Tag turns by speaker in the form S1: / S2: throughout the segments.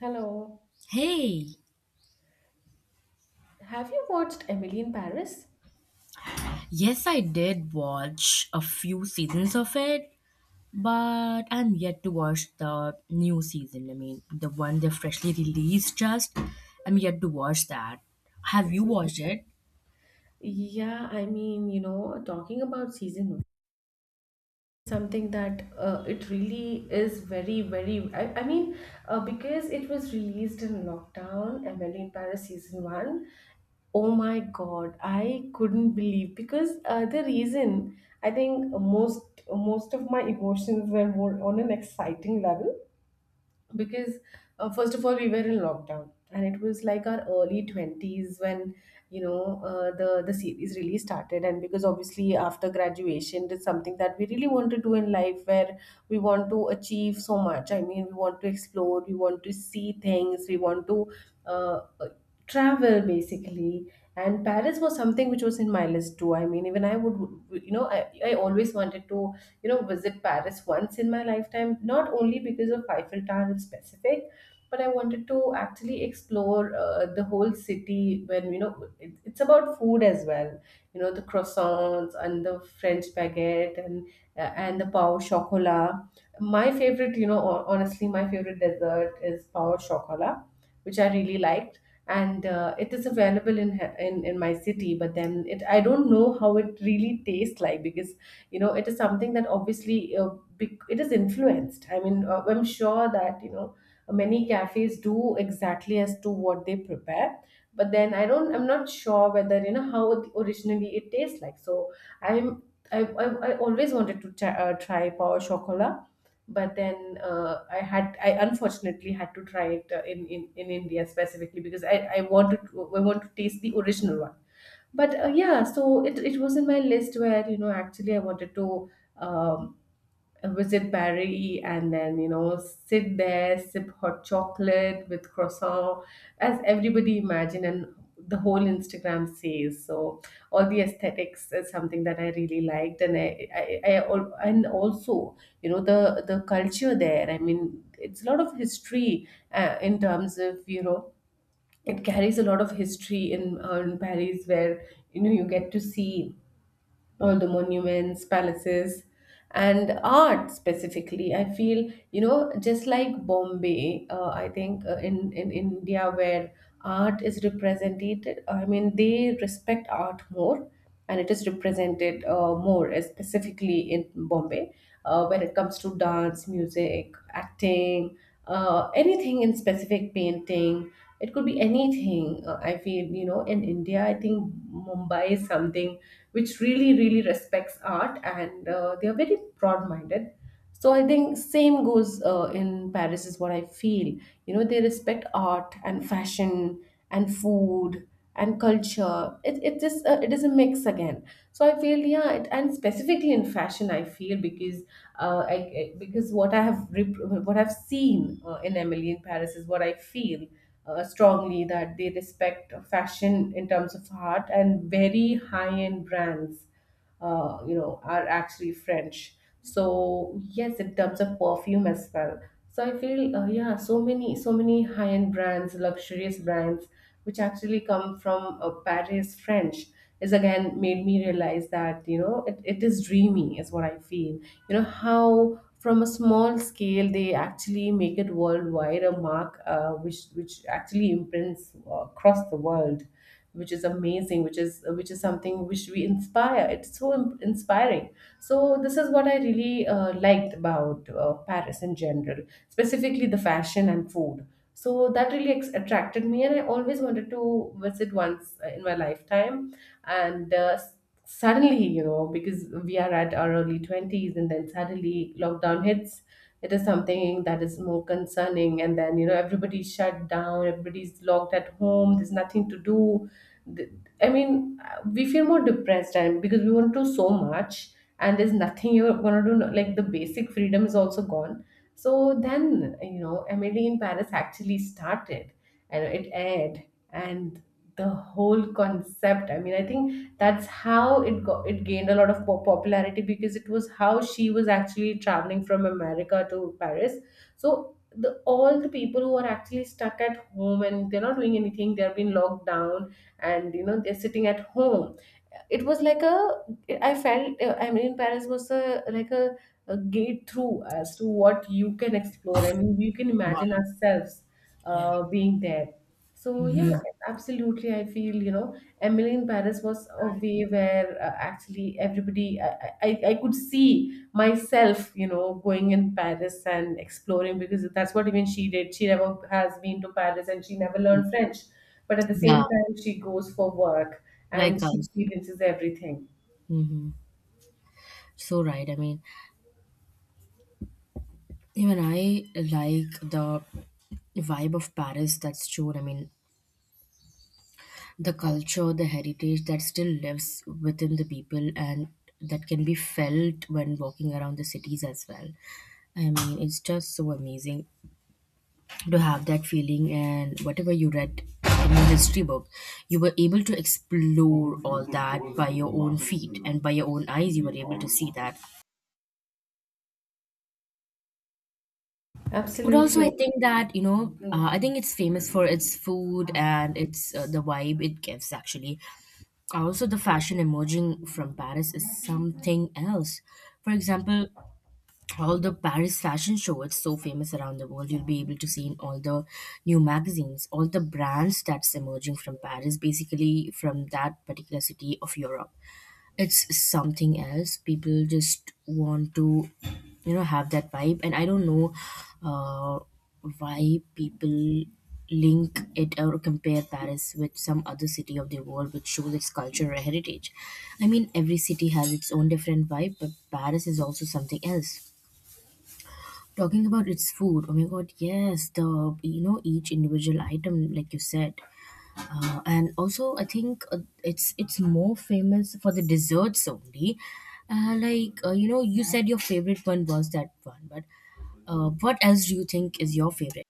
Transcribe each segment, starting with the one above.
S1: Hello.
S2: Hey,
S1: Have you watched Emily in Paris?
S2: yes, I did watch a few seasons of it, but I'm yet to watch the new season. I mean, the one they freshly released just. I'm yet to watch that. Have you
S1: Season.
S2: watched it?
S1: Yeah, I mean, you know, talking about season one, something that it really is very, very. I mean, because it was released in lockdown, Emily in Paris season one. Oh my God, I couldn't believe because the reason I think most of my emotions were more on an exciting level because first of all we were in lockdown and it was like our early 20s when you know the series really started, and because obviously after graduation it's something that we really want to do in life, where we want to achieve so much. I mean, we want to explore, we want to see things, we want to uh, uh, travel basically. And Paris was something which was in my list too. I mean, even I would, you know, I always wanted to, you know, visit Paris once in my lifetime, not only because of Eiffel Tower in specific, but I wanted to actually explore the whole city. When you know it, it's about food as well, you know, the croissants and the French baguette and the pau chocolat. My favorite, you know, honestly, my favorite dessert is pau chocolat, which I really liked, and it is available in, in my city. But then it, I don't know how it really tastes like, because you know it is something that obviously it is influenced. I mean, I'm sure that, you know, many cafes do exactly as to what they prepare. But then I don't, I'm not sure whether you know how it originally it tastes like. So I'm I always wanted to try, try power chocolate, but then I had, I unfortunately had to try it in, in India specifically, because I wanted to, I want to taste the original one. But yeah, so it was in my list where you know actually I wanted to um, visit Paris and then, you know, sit there, sip hot chocolate with croissant, as everybody imagine and the whole Instagram says. So all the aesthetics is something that I really liked, and and also, you know, the culture there. I mean, it's a lot of history in terms of, you know. It carries a lot of history in Paris, where you know you get to see all the monuments, palaces, and art specifically. I feel, you know, just like Bombay, I think in India, where art is represented. I mean, they respect art more, and it is represented more, specifically in Bombay, when it comes to dance, music, acting, anything in specific, painting, it could be anything. I feel, you know, in India, I think Mumbai is something which really respects art, and they are very broad minded. So I think same goes in Paris, is what I feel. You know, they respect art and fashion and food and culture. It is a, it is a mix again. So I feel, yeah, it, and specifically in fashion I feel, because because what I have what I've seen in Emily in Paris is what I feel strongly, that they respect fashion in terms of art, and very high end brands you know, are actually French. So yes, in terms of perfume as well. So I feel, yeah, so many so many high end brands, luxurious brands, which actually come from Paris, French, is again made me realize that you know it, it is dreamy is what I feel. You know, how from a small scale they actually make it worldwide a mark, which actually imprints across the world, which is amazing, which is, which is something which we inspire. It's so inspiring. So this is what I really liked about Paris in general, specifically the fashion and food. So that really attracted me, and I always wanted to visit once in my lifetime. And suddenly, you know, because we are at our early 20s and then suddenly lockdown hits, it is something that is more concerning. And then you know everybody's shut down, everybody's locked at home, there's nothing to do. th- I mean, we feel more depressed, and because we want to do so much and there's nothing you're gonna do. No- Like the basic freedom is also gone. So then, you know, Emily in Paris actually started and it aired, and the whole concept. I mean, I think that's how it got, it gained a lot of popularity, because it was how she was actually traveling from America to Paris. So the all the people who are actually stuck at home and they're not doing anything, they are been locked down, and you know they're sitting at home. It was like a, I felt, I mean, Paris was a, like a gate through as to what you can explore. I mean, you can imagine
S2: Wow.
S1: ourselves
S2: Yeah.
S1: being there. So yeah, absolutely, I feel, you know, Emily in Paris was a way where actually everybody, I I could see myself, you know, going in Paris and exploring, because that's what even she did. She never has been to Paris and she never learned French, but at the same
S2: Yeah,
S1: time she goes for work, and
S2: like
S1: she
S2: us.
S1: experiences everything.
S2: Hmm. So right. I mean, even I like the vibe of Paris that's shown. I mean, the culture, the heritage that still lives within the people and that can be felt when walking around the cities as well. I mean, it's just so amazing to have that feeling, and whatever you read in your history book, you were able to explore all that by your own feet and by your own eyes, you were able to see that. But
S1: Absolutely.
S2: also, I think that, I think it's famous for its food and its the vibe it gives actually. Also, the fashion emerging from Paris is something else. For example, all the Paris fashion show, it's so famous around the world. You'll be able to see in all the new magazines, all the brands that's emerging from Paris, basically from that particular city of Europe, it's something else. People just want to, you know, have that vibe, and I don't know uh, why people link it or compare Paris with some other city of the world which shows its culture or heritage. I mean, every city has its own different vibe, but Paris is also something else. Talking about its food, oh my god, yes, the, you know, each individual item like you said, and also, I think it's more famous for the desserts only. You know, you said your favorite one was that one, but what else do you think is your favorite?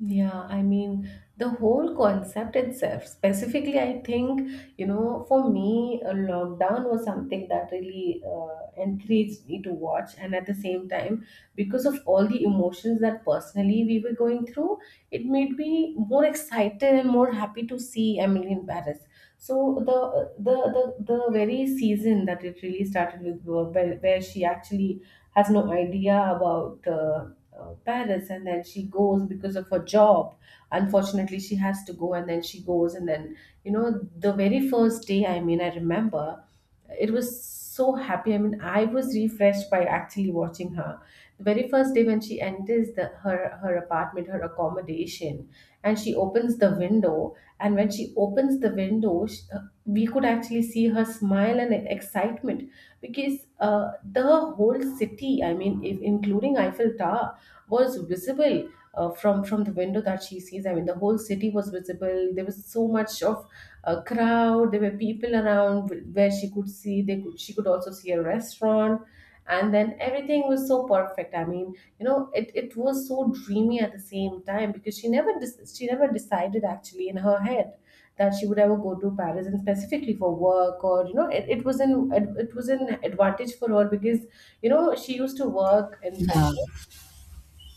S1: Yeah, I mean, the whole concept itself, specifically, I think, you know, for me, a lockdown was something that really encouraged me to watch. And at the same time, because of all the emotions that personally we were going through, it made me more excited and more happy to see Emily in Paris. So the very season that it really started with, where she actually has no idea about Paris, and then she goes because of her job. Unfortunately, she has to go, and then she goes. And then, you know, the very first day, I mean, I remember it was so happy. I mean, I was refreshed by actually watching her. The very first day when she enters the, her apartment, her accommodation, and she opens the window. And when she opens the window, sh we could actually see her smile and excitement, because the whole city, I mean, if, including Eiffel Tower, was visible from the window that she sees. I mean, the whole city was visible. There was so much of a crowd. There were people around where she could see. They could, she could also see a restaurant, and then everything was so perfect. I mean, you know, it was so dreamy at the same time, because she never she never decided actually in her head that she would ever go to Paris, and specifically for work. Or you know it, it was an, it was an advantage for her, because you know she used to work in
S2: Yeah,
S1: fashion,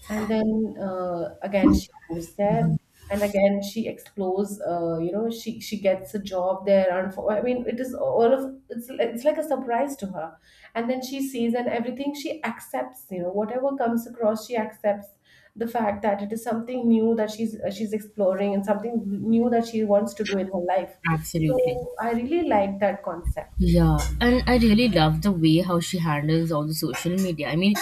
S1: and then again she goes there, and again she explores. You know, she gets a job there. And for, I mean, it is all of it's like a surprise to her. And then she sees, and everything she accepts. You know, whatever comes across, she accepts the fact that it is something new that she's exploring, and something new that she wants to do in her life.
S2: absolutely.
S1: So I really like that concept.
S2: Yeah, and I really love the way how she handles all the social media.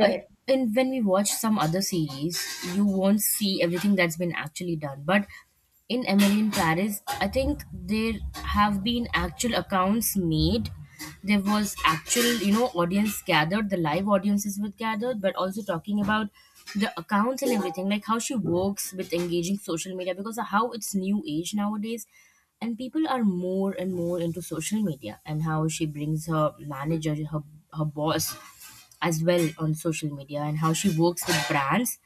S2: I, and when we watch some other series, you won't see everything that's been actually done. But in Emily in Paris, I think there have been actual accounts made. There was actual, you know, audience gathered, the live audiences were gathered, but also talking about the accounts and everything, like how she works with engaging social media because of how it's new age nowadays and people are more and more into social media, and how she brings her manager, her boss as well on social media and how she works with brands.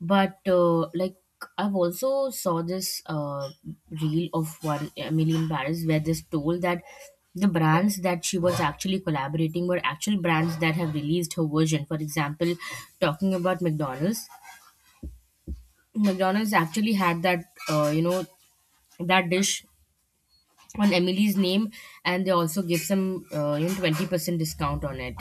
S2: But like, I've also saw this reel of one Emily in Paris where this told that the brands that she was actually collaborating were actual brands that have released her version. For example, talking about McDonald's, McDonald's actually had that, uh, you know that dish on Emily's name, and they also give some, you know, 20% discount on it,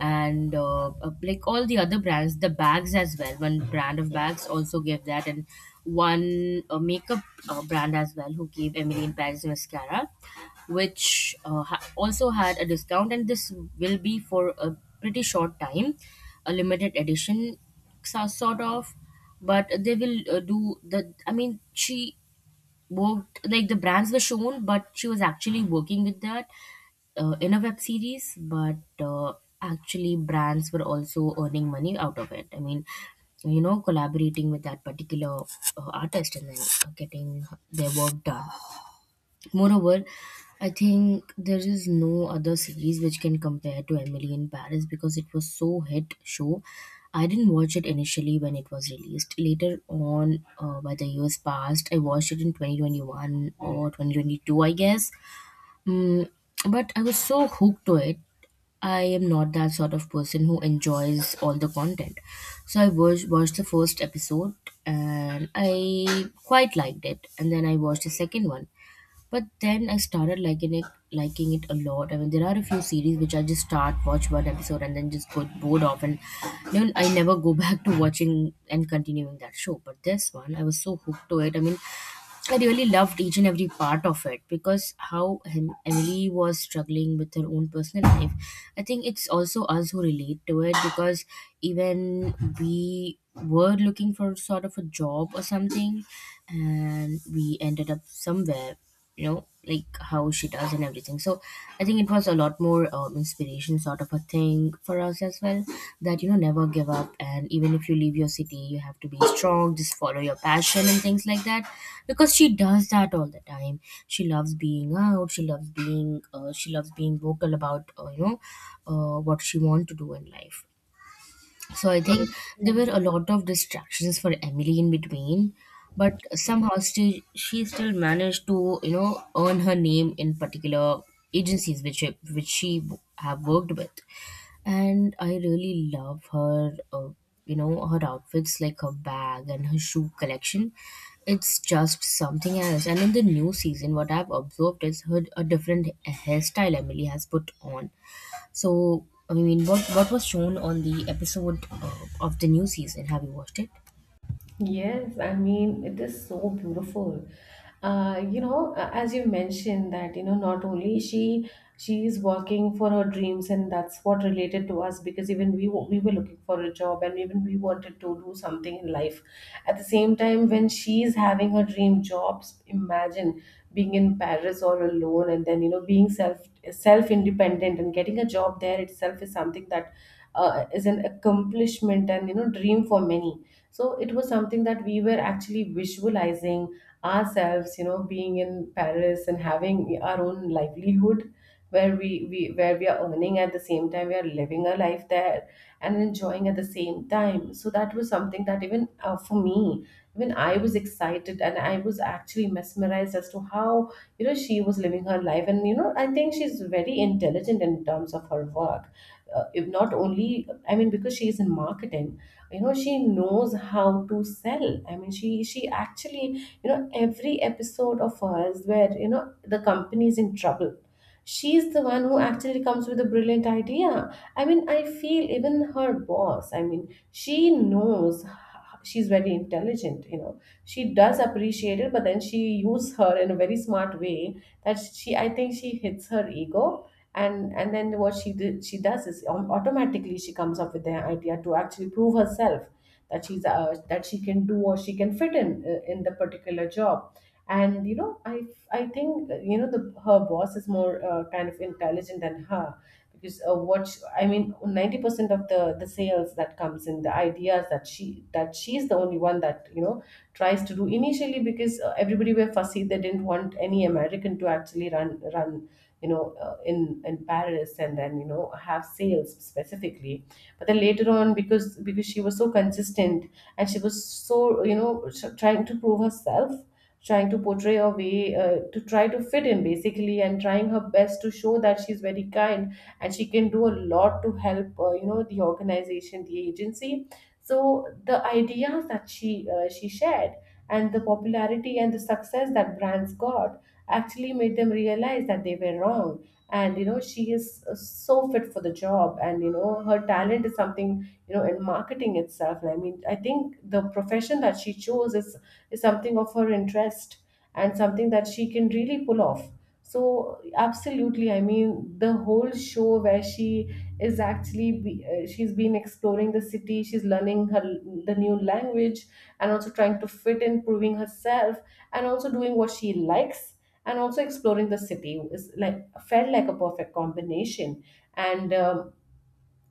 S2: and like all the other brands, the bags as well. One brand of bags also gave that, and one makeup brand as well who gave Emily in Paris mascara, which also had a discount, and this will be for a pretty short time, a limited edition sort of. But they will, do the, I mean, she worked, like the brands were shown, but she was actually working with that in a web series. But actually brands were also earning money out of it. I mean, you know, collaborating with that particular artist and then getting their work done. Moreover, I think there is no other series which can compare to Emily in Paris because it was so hit show. I didn't watch it initially when it was released. Later on, by the years passed, I watched it in 2021 or 2022, I guess. Mm, but I was so hooked to it. I am not that sort of person who enjoys all the content. So I watched, watched the first episode and I quite liked it. And then I watched the second one. But then I started liking it a lot. I mean, there are a few series which I just start watch one episode and then just get bored of, and then I never go back to watching and continuing that show. But this one, I was so hooked to it. I mean, I really loved each and every part of it because how Emily was struggling with her own personal life. I think it's also us who relate to it because even we were looking for sort of a job or something, and we ended up somewhere, you know, like how she does and everything. So I think it was a lot more inspiration sort of a thing for us as well, that, you know, never give up, and even if you leave your city, you have to be strong, just follow your passion and things like that, because she does that all the time. She loves being out, she loves being vocal about, what she want to do in life. So I think there were a lot of distractions for Emily in between, but somehow she still managed to, you know, earn her name in particular agencies which she have worked with, and I really love her. You know, her outfits, like her bag and her shoe collection, it's just something else. And in the new season, what I've observed is her a different hairstyle Emily has put on. So, I mean, what was shown on the episode of the new season? Have you watched it?
S1: Yes, I mean, it is so beautiful. You know, as you mentioned that, you know, not only she is working for her dreams, and that's what related to us, because even we we were looking for a job, and even we wanted to do something in life. At the same time, when she is having her dream jobs, imagine being in Paris all alone and then, being self independent and getting a job there itself is something that is an accomplishment and, dream for many, so it was something that we were actually visualizing ourselves, being in Paris and having our own livelihood, where we where we are earning. At the same time, we are living our life there and enjoying at the same time. So that was something that even for me, even I was excited and I was actually mesmerized as to how, she was living her life. And I think she's very intelligent in terms of her work. If not only, I mean, because she is in marketing, she knows how to sell. I mean, she actually, every episode of hers where, the company is in trouble, she's the one who actually comes with a brilliant idea. I mean, I feel even her boss, I mean, she knows she's very intelligent. You know, she does appreciate it, but then she uses her in a very smart way, that she, I think she hits her ego. And then what she did she does is automatically she comes up with the idea to actually prove herself, that she's that she can do, or she can fit in the particular job. And I think, the her boss is more kind of intelligent than her. Because what sh I mean, 90% of the sales that comes in, the ideas that she, that she's the only one that, tries to do initially. Because everybody were fussy, they didn't want any American to actually run, in Paris, and then have sales specifically. But then later on, because she was so consistent, and she was so, trying to prove herself, trying to portray a way, to try to fit in basically, and trying her best to show that she's very kind, and she can do a lot to help, the organization, the agency. So the ideas that she shared, and the popularity and the success that brands got, actually made them realize that they were wrong. And you know, she is so fit for the job, and you know, her talent is something, you know, in marketing itself. And I mean, I think the profession that she chose is something of her interest, and something that she can really pull off. So absolutely, I mean, the whole show where she is actually she's been exploring the city, she's learning her the new language, and also trying to fit in, proving herself, and also doing what she likes, and also exploring the city, is like, felt like a perfect combination. And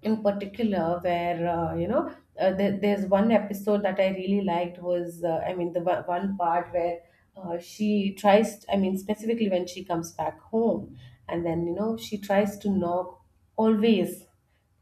S1: in particular where, there's one episode that I really liked, was I mean, the one part where she tries, I mean specifically when she comes back home, and then you know she tries to knock always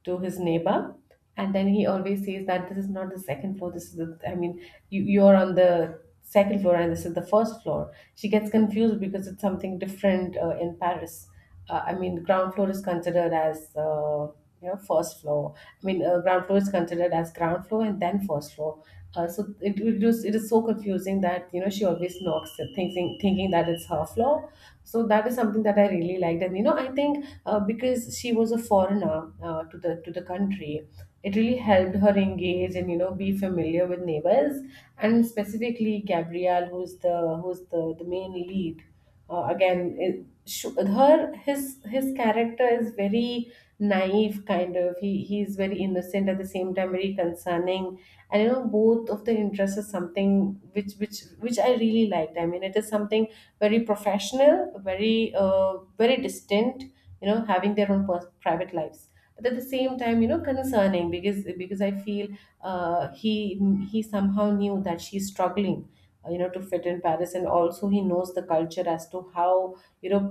S1: to his neighbor. And then he always says that this is not the second floor, this is the, I mean, you're on the second floor and this is the first floor. She gets confused because it's something different in Paris. I mean, ground floor is considered as first floor. I mean, ground floor is considered as ground floor, and then first floor. So it is so confusing that you know she always knocks, thinking that it's her floor. So that is something that I really liked, and you know I think because she was a foreigner to the country, it really helped her engage, and you know be familiar with neighbors, and specifically Gabrielle, who's the who's the main lead. Again, her his character is very naive kind of. He's very innocent at the same time, very concerning. And you know both of the interests is something which which I really liked. I mean, it is something very professional, very very distant, you know, having their own private lives. But at the same time, you know, concerning, because I feel uh, he he somehow knew that she's struggling you know, to fit in Paris, and also he knows the culture as to how, you know,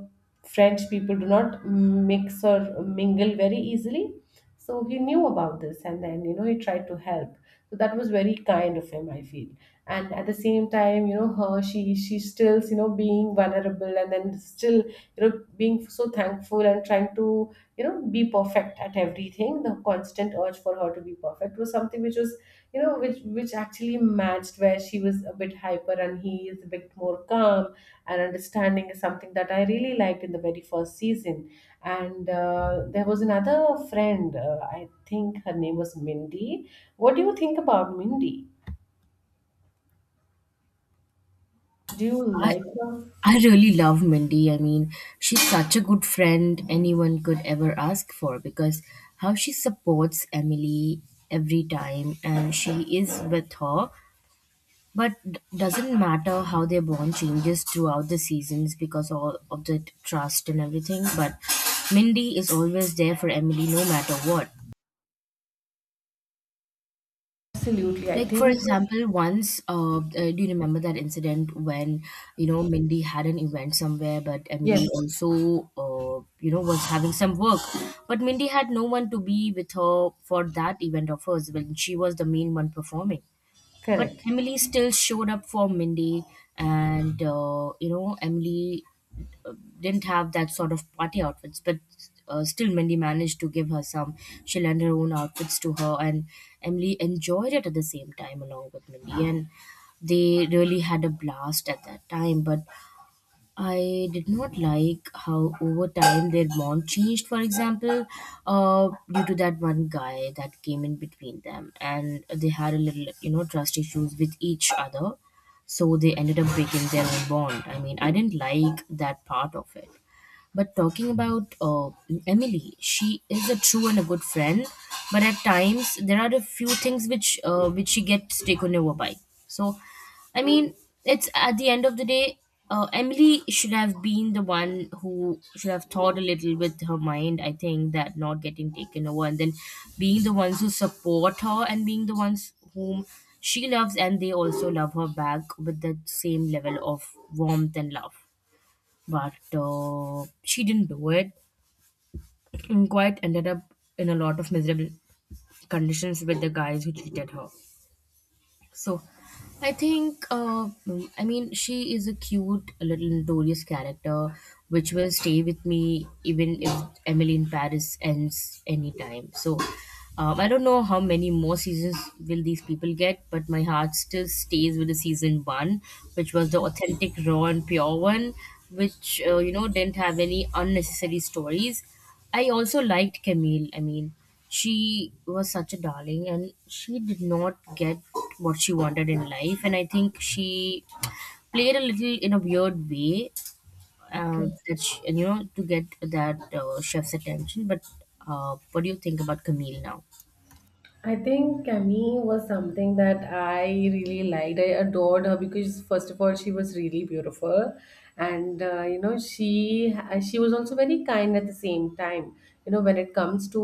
S1: French people do not mix or mingle very easily. So he knew about this, and then you know he tried to help. So that was very kind of him, I feel. And at the same time, you know, her, she stills, you know, being vulnerable, and then still, you know, being so thankful and trying to, you know, be perfect at everything. The constant urge for her to be perfect was something which was, you know, which actually matched, where she was a bit hyper and he is a bit more calm and understanding, is something that I really liked in the very first season. And there was another friend, I think her name was Mindy. What do you think about Mindy? Do you
S2: I
S1: like her?
S2: I really love Mindy. I mean, she's such a good friend anyone could ever ask for because how she supports Emily every time and she is with her. But doesn't matter how their bond changes throughout the seasons because all of the trust and everything. But Mindy is always there for Emily no matter what.
S1: Absolutely, I
S2: Like, for
S1: think.
S2: example, once, do you remember that incident when, you know, Mindy had an event somewhere, but
S1: Yes.
S2: Emily also, you know, was having some work, but Mindy had no one to be with her for that event of hers when she was the main one performing, but
S1: Correct.
S2: Emily still showed up for Mindy, and you know, Emily uh, didn't have that sort of party outfits, but still Mindy managed to give her some. She lent her own outfits to her, and Emily enjoyed it at the same time along with Mindy, and they really had a blast at that time. But I did not like how over time their bond changed, for example, due to that one guy that came in between them and they had a little, you know, trust issues with each other. So they ended up breaking their own bond. I mean, I didn't like that part of it. But talking about Emily, she is a true and a good friend, but at times there are a few things which she gets taken over by. So, I mean, it's at the end of the day, Emily should have been the one who should have thought a little with her mind. I think that, not getting taken over, and then being the ones who support her and being the ones whom she loves and they also love her back with the same level of warmth and love, but she didn't do it and quite ended up in a lot of miserable conditions with the guys who cheated her. So I think, I mean, she is a cute little notorious character which will stay with me even if Emily in Paris ends anytime. So I don't know how many more seasons will these people get, but my heart still stays with the season one, which was the authentic, raw, and pure one, which, you know, didn't have any unnecessary stories. I also liked Camille. I mean, she was such a darling, and she did not get what she wanted in life, and I think she played a little in a weird way, that she, and, you know, to get that chef's attention. But what do you think about Camille now?
S1: I think Camille was something that I really liked. I adored her because first of all, she was really beautiful, and you know she was also very kind at the same time. You know when it comes to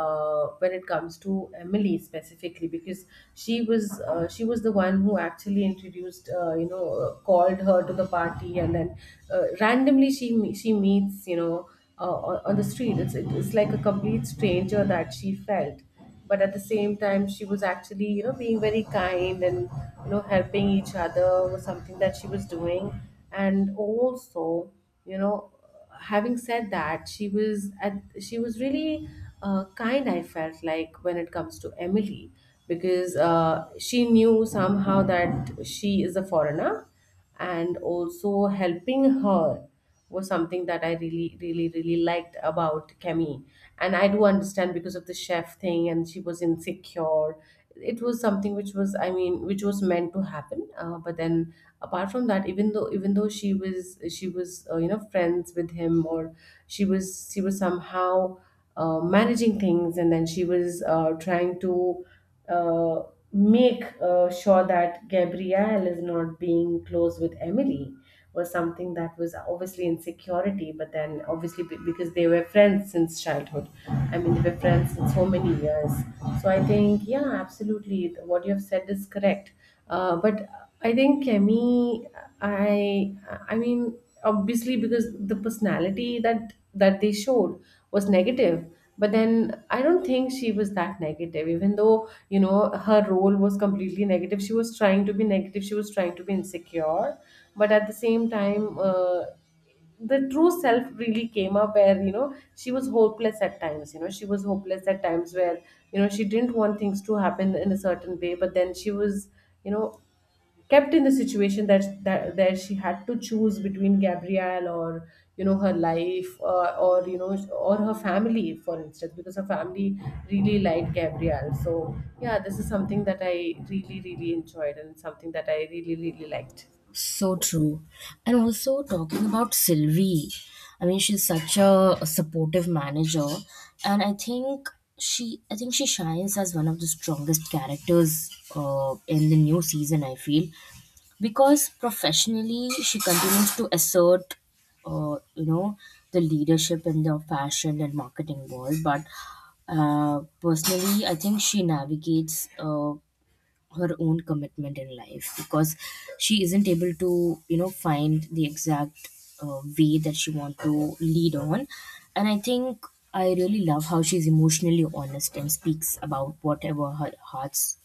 S1: when it comes to Emily specifically, because she was the one who actually introduced, called her to the party, and then randomly she meets, you know, on the street. It's like a complete stranger that she felt. But at the same time, she was actually, you know, being very kind, and you know helping each other was something that she was doing. And also, you know, having said that, she was really kind, I felt, like when it comes to Emily. Because she knew somehow that she is a foreigner, and also helping her was something that I really, really, really liked about Kemi. And I do understand, because of the chef thing, and she was insecure. It was something which was, I mean, which was meant to happen. But then, apart from that, even though she was, you know, friends with him, or she was somehow managing things, and then she was trying to uh, make sure that Gabrielle is not being close with Emily, was something that was obviously insecurity. But then obviously because they were friends since childhood. I mean, they were friends since so many years. So I think, yeah, absolutely, what you've said is correct. But I think Kemi, I I mean, obviously because the personality that they showed was negative. But then I don't think she was that negative, even though you know her role was completely negative. She was trying to be negative. She was trying to be insecure, but at the same time, the true self really came up, where you know she was hopeless at times, you know she was hopeless at times, where you know she didn't want things to happen in a certain way, but then she was, you know, kept in the situation that that she had to choose between Gabrielle, or you know her life, or you know or her family, for instance, because her family really liked Gabrielle. So yeah, this is something that I really really enjoyed, and something that I really really liked.
S2: So true. And also talking about Sylvie, I mean she's such a supportive manager, and I think she shines as one of the strongest characters in the new season, I feel, because professionally she continues to assert uh, you know the leadership in the fashion and marketing world. But personally, I think she navigates her own commitment in life because she isn't able to find the exact way that she want to lead on. And I think I really love how she's emotionally honest and speaks about whatever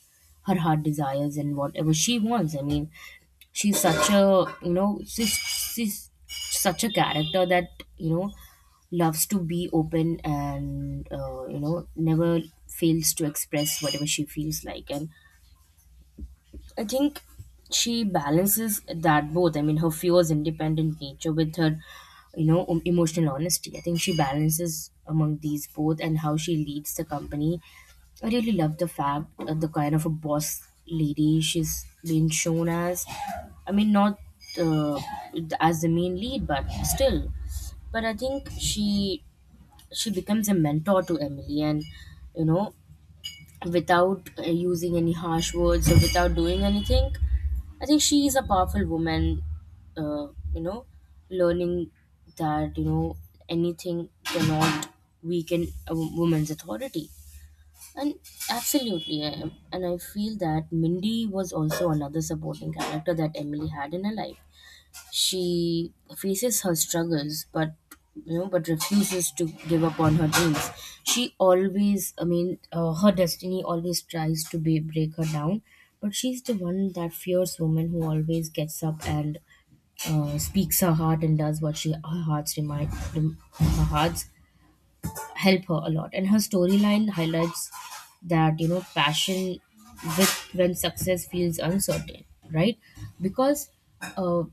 S2: her heart desires and whatever she wants. I mean, she's such a she's such a character that you know loves to be open and never fails to express whatever she feels like. And I think she balances that both. I mean, her fierce, independent nature with her, emotional honesty. I think she balances among these both and how she leads the company. I really love the fact, the kind of a boss lady she's been shown as. I mean, not uh, as the main lead, but still. But I think she becomes a mentor to Emily, and you know, without using any harsh words or without doing anything, I think she is a powerful woman, uh, you know, learning that, anything cannot weaken a woman's authority. And absolutely, and I feel that Mindy was also another supporting character that Emily had in her life. She faces her struggles, but but refuses to give up on her dreams. She always, I mean, her destiny always tries to break her down, but she's the one, that fierce woman who always gets up and speaks her heart and does what she her heart's help her a lot. And her storyline highlights that, passion with when success feels uncertain, right? Because uh,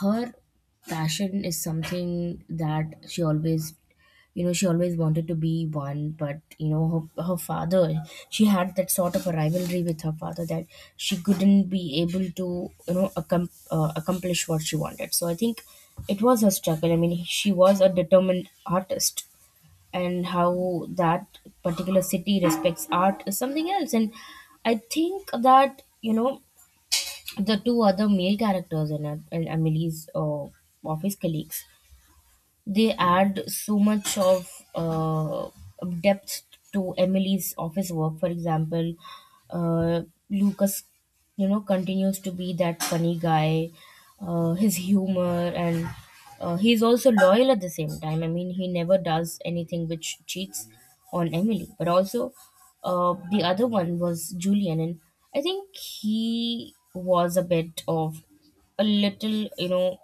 S2: her passion is something that she always, she always wanted to be one. But her father, she had that sort of a rivalry with her father, that she couldn't be able to accomplish what she wanted. So I think it was her struggle. I mean, she was a determined artist, and how that particular city respects art is something else. And I think that the two other male characters in it, and emily's office colleagues, they add so much of uh, depth to Emily's office work. For example, uh, Lucas, continues to be that funny guy, his humor, and he's also loyal at the same time. I mean, he never does anything which cheats on Emily. But also, the other one was Julian, and I think he was a bit of a little,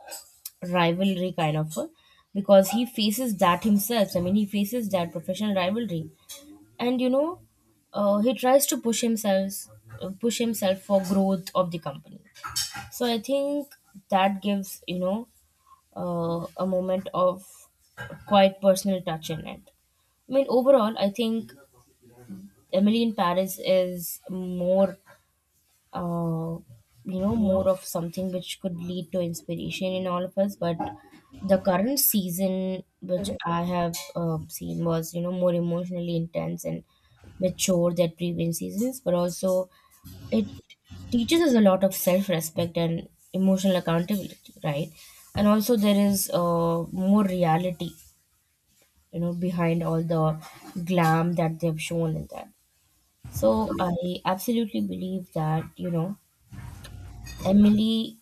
S2: rivalry kind of, because he faces that himself. I mean, he faces that professional rivalry, and he tries to push himself, push himself for growth of the company. So I think that gives, a moment of quite personal touch in it. I mean, overall, I think Emily in Paris is more uh, more of something which could lead to inspiration in all of us. But the current season, which I have seen, was more emotionally intense and mature than previous seasons, but also it teaches us a lot of self-respect and emotional accountability, right? And also there is more reality behind all the glam that they've shown in that. So I absolutely believe that emily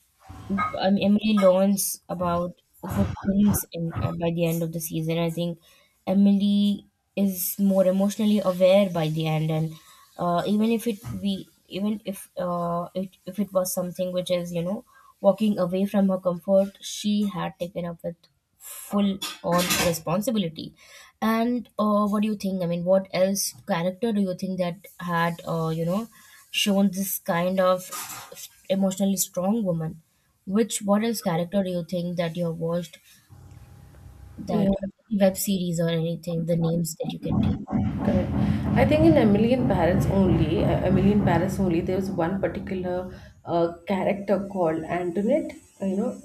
S2: Emily learns about good things in by the end of the season. I think Emily is more emotionally aware by the end, and even if it we even if if it was something which is walking away from her comfort, she had taken up with full on responsibility. And what do you think? I mean, what else character do you think that had shown this kind of emotionally strong woman? Which what else character do you think that you have watched
S1: Yeah.
S2: that web series or anything, the names that you can take?
S1: Correct. I think in Emily in Paris only, Emily in Paris only, there was one particular character called Antoinette. You know,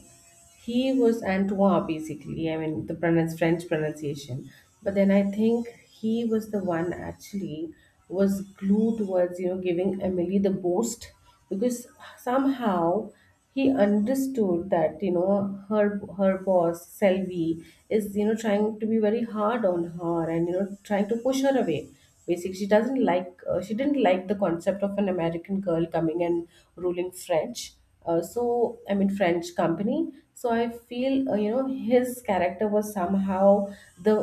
S1: he was Antoine basically. I mean, the pronounce French pronunciation. But then I think he was the one actually was glued towards, you know, giving Emily the boost. Because somehow he understood that, you know, her her boss Selvi is, you know, trying to be very hard on her, and you know trying to push her away. Basically, she doesn't like she didn't like the concept of an American girl coming and ruling French. So I mean French company. So I feel, his character was somehow the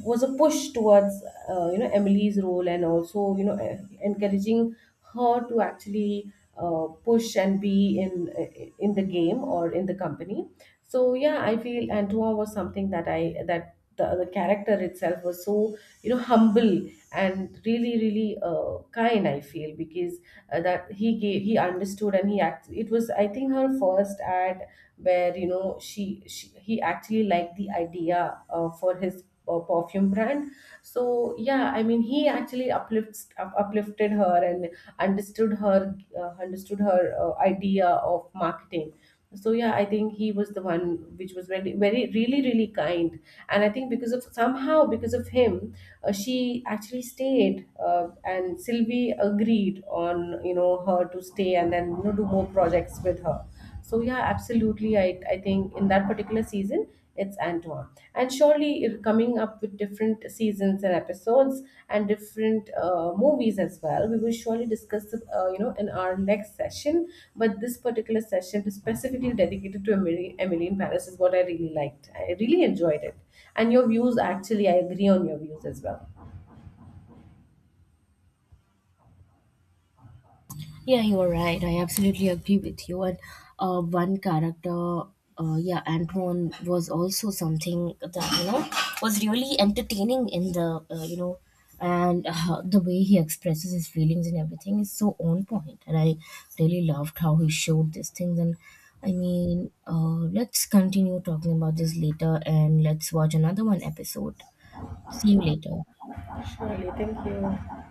S1: was a push towards you know Emily's role, and also, you know, encouraging her to actually push and be in the game or in the company. So yeah, I feel Antoine was something that I, that the character itself was so, you know, humble and really really kind. I feel because that he gave, he understood, and he act. It was, I think, her first ad where you know she he actually liked the idea for his perfume brand. So yeah, I mean, he actually uplifted her, and understood her, understood her idea of marketing. So yeah, I think he was the one which was very very really really kind. And I think because of, somehow because of him, she actually stayed, and Sylvie agreed on, you know, her to stay, and then you know do more projects with her. So yeah, absolutely. I think in that particular season, it's Antoine, and surely it coming up with different seasons and episodes and different movies as well, we will surely discuss, in our next session. But this particular session is specifically dedicated to Emily in Paris, is what I really liked. I really enjoyed it, and your views, actually I agree on your views as well.
S2: Yeah, you're right. I absolutely agree with you. And one character, yeah, Antoine was also something that was really entertaining in the, and the way he expresses his feelings and everything is so on point. And I really loved how he showed these things. And I mean, let's continue talking about this later, and let's watch another one episode. See you later.
S1: Surely, thank you.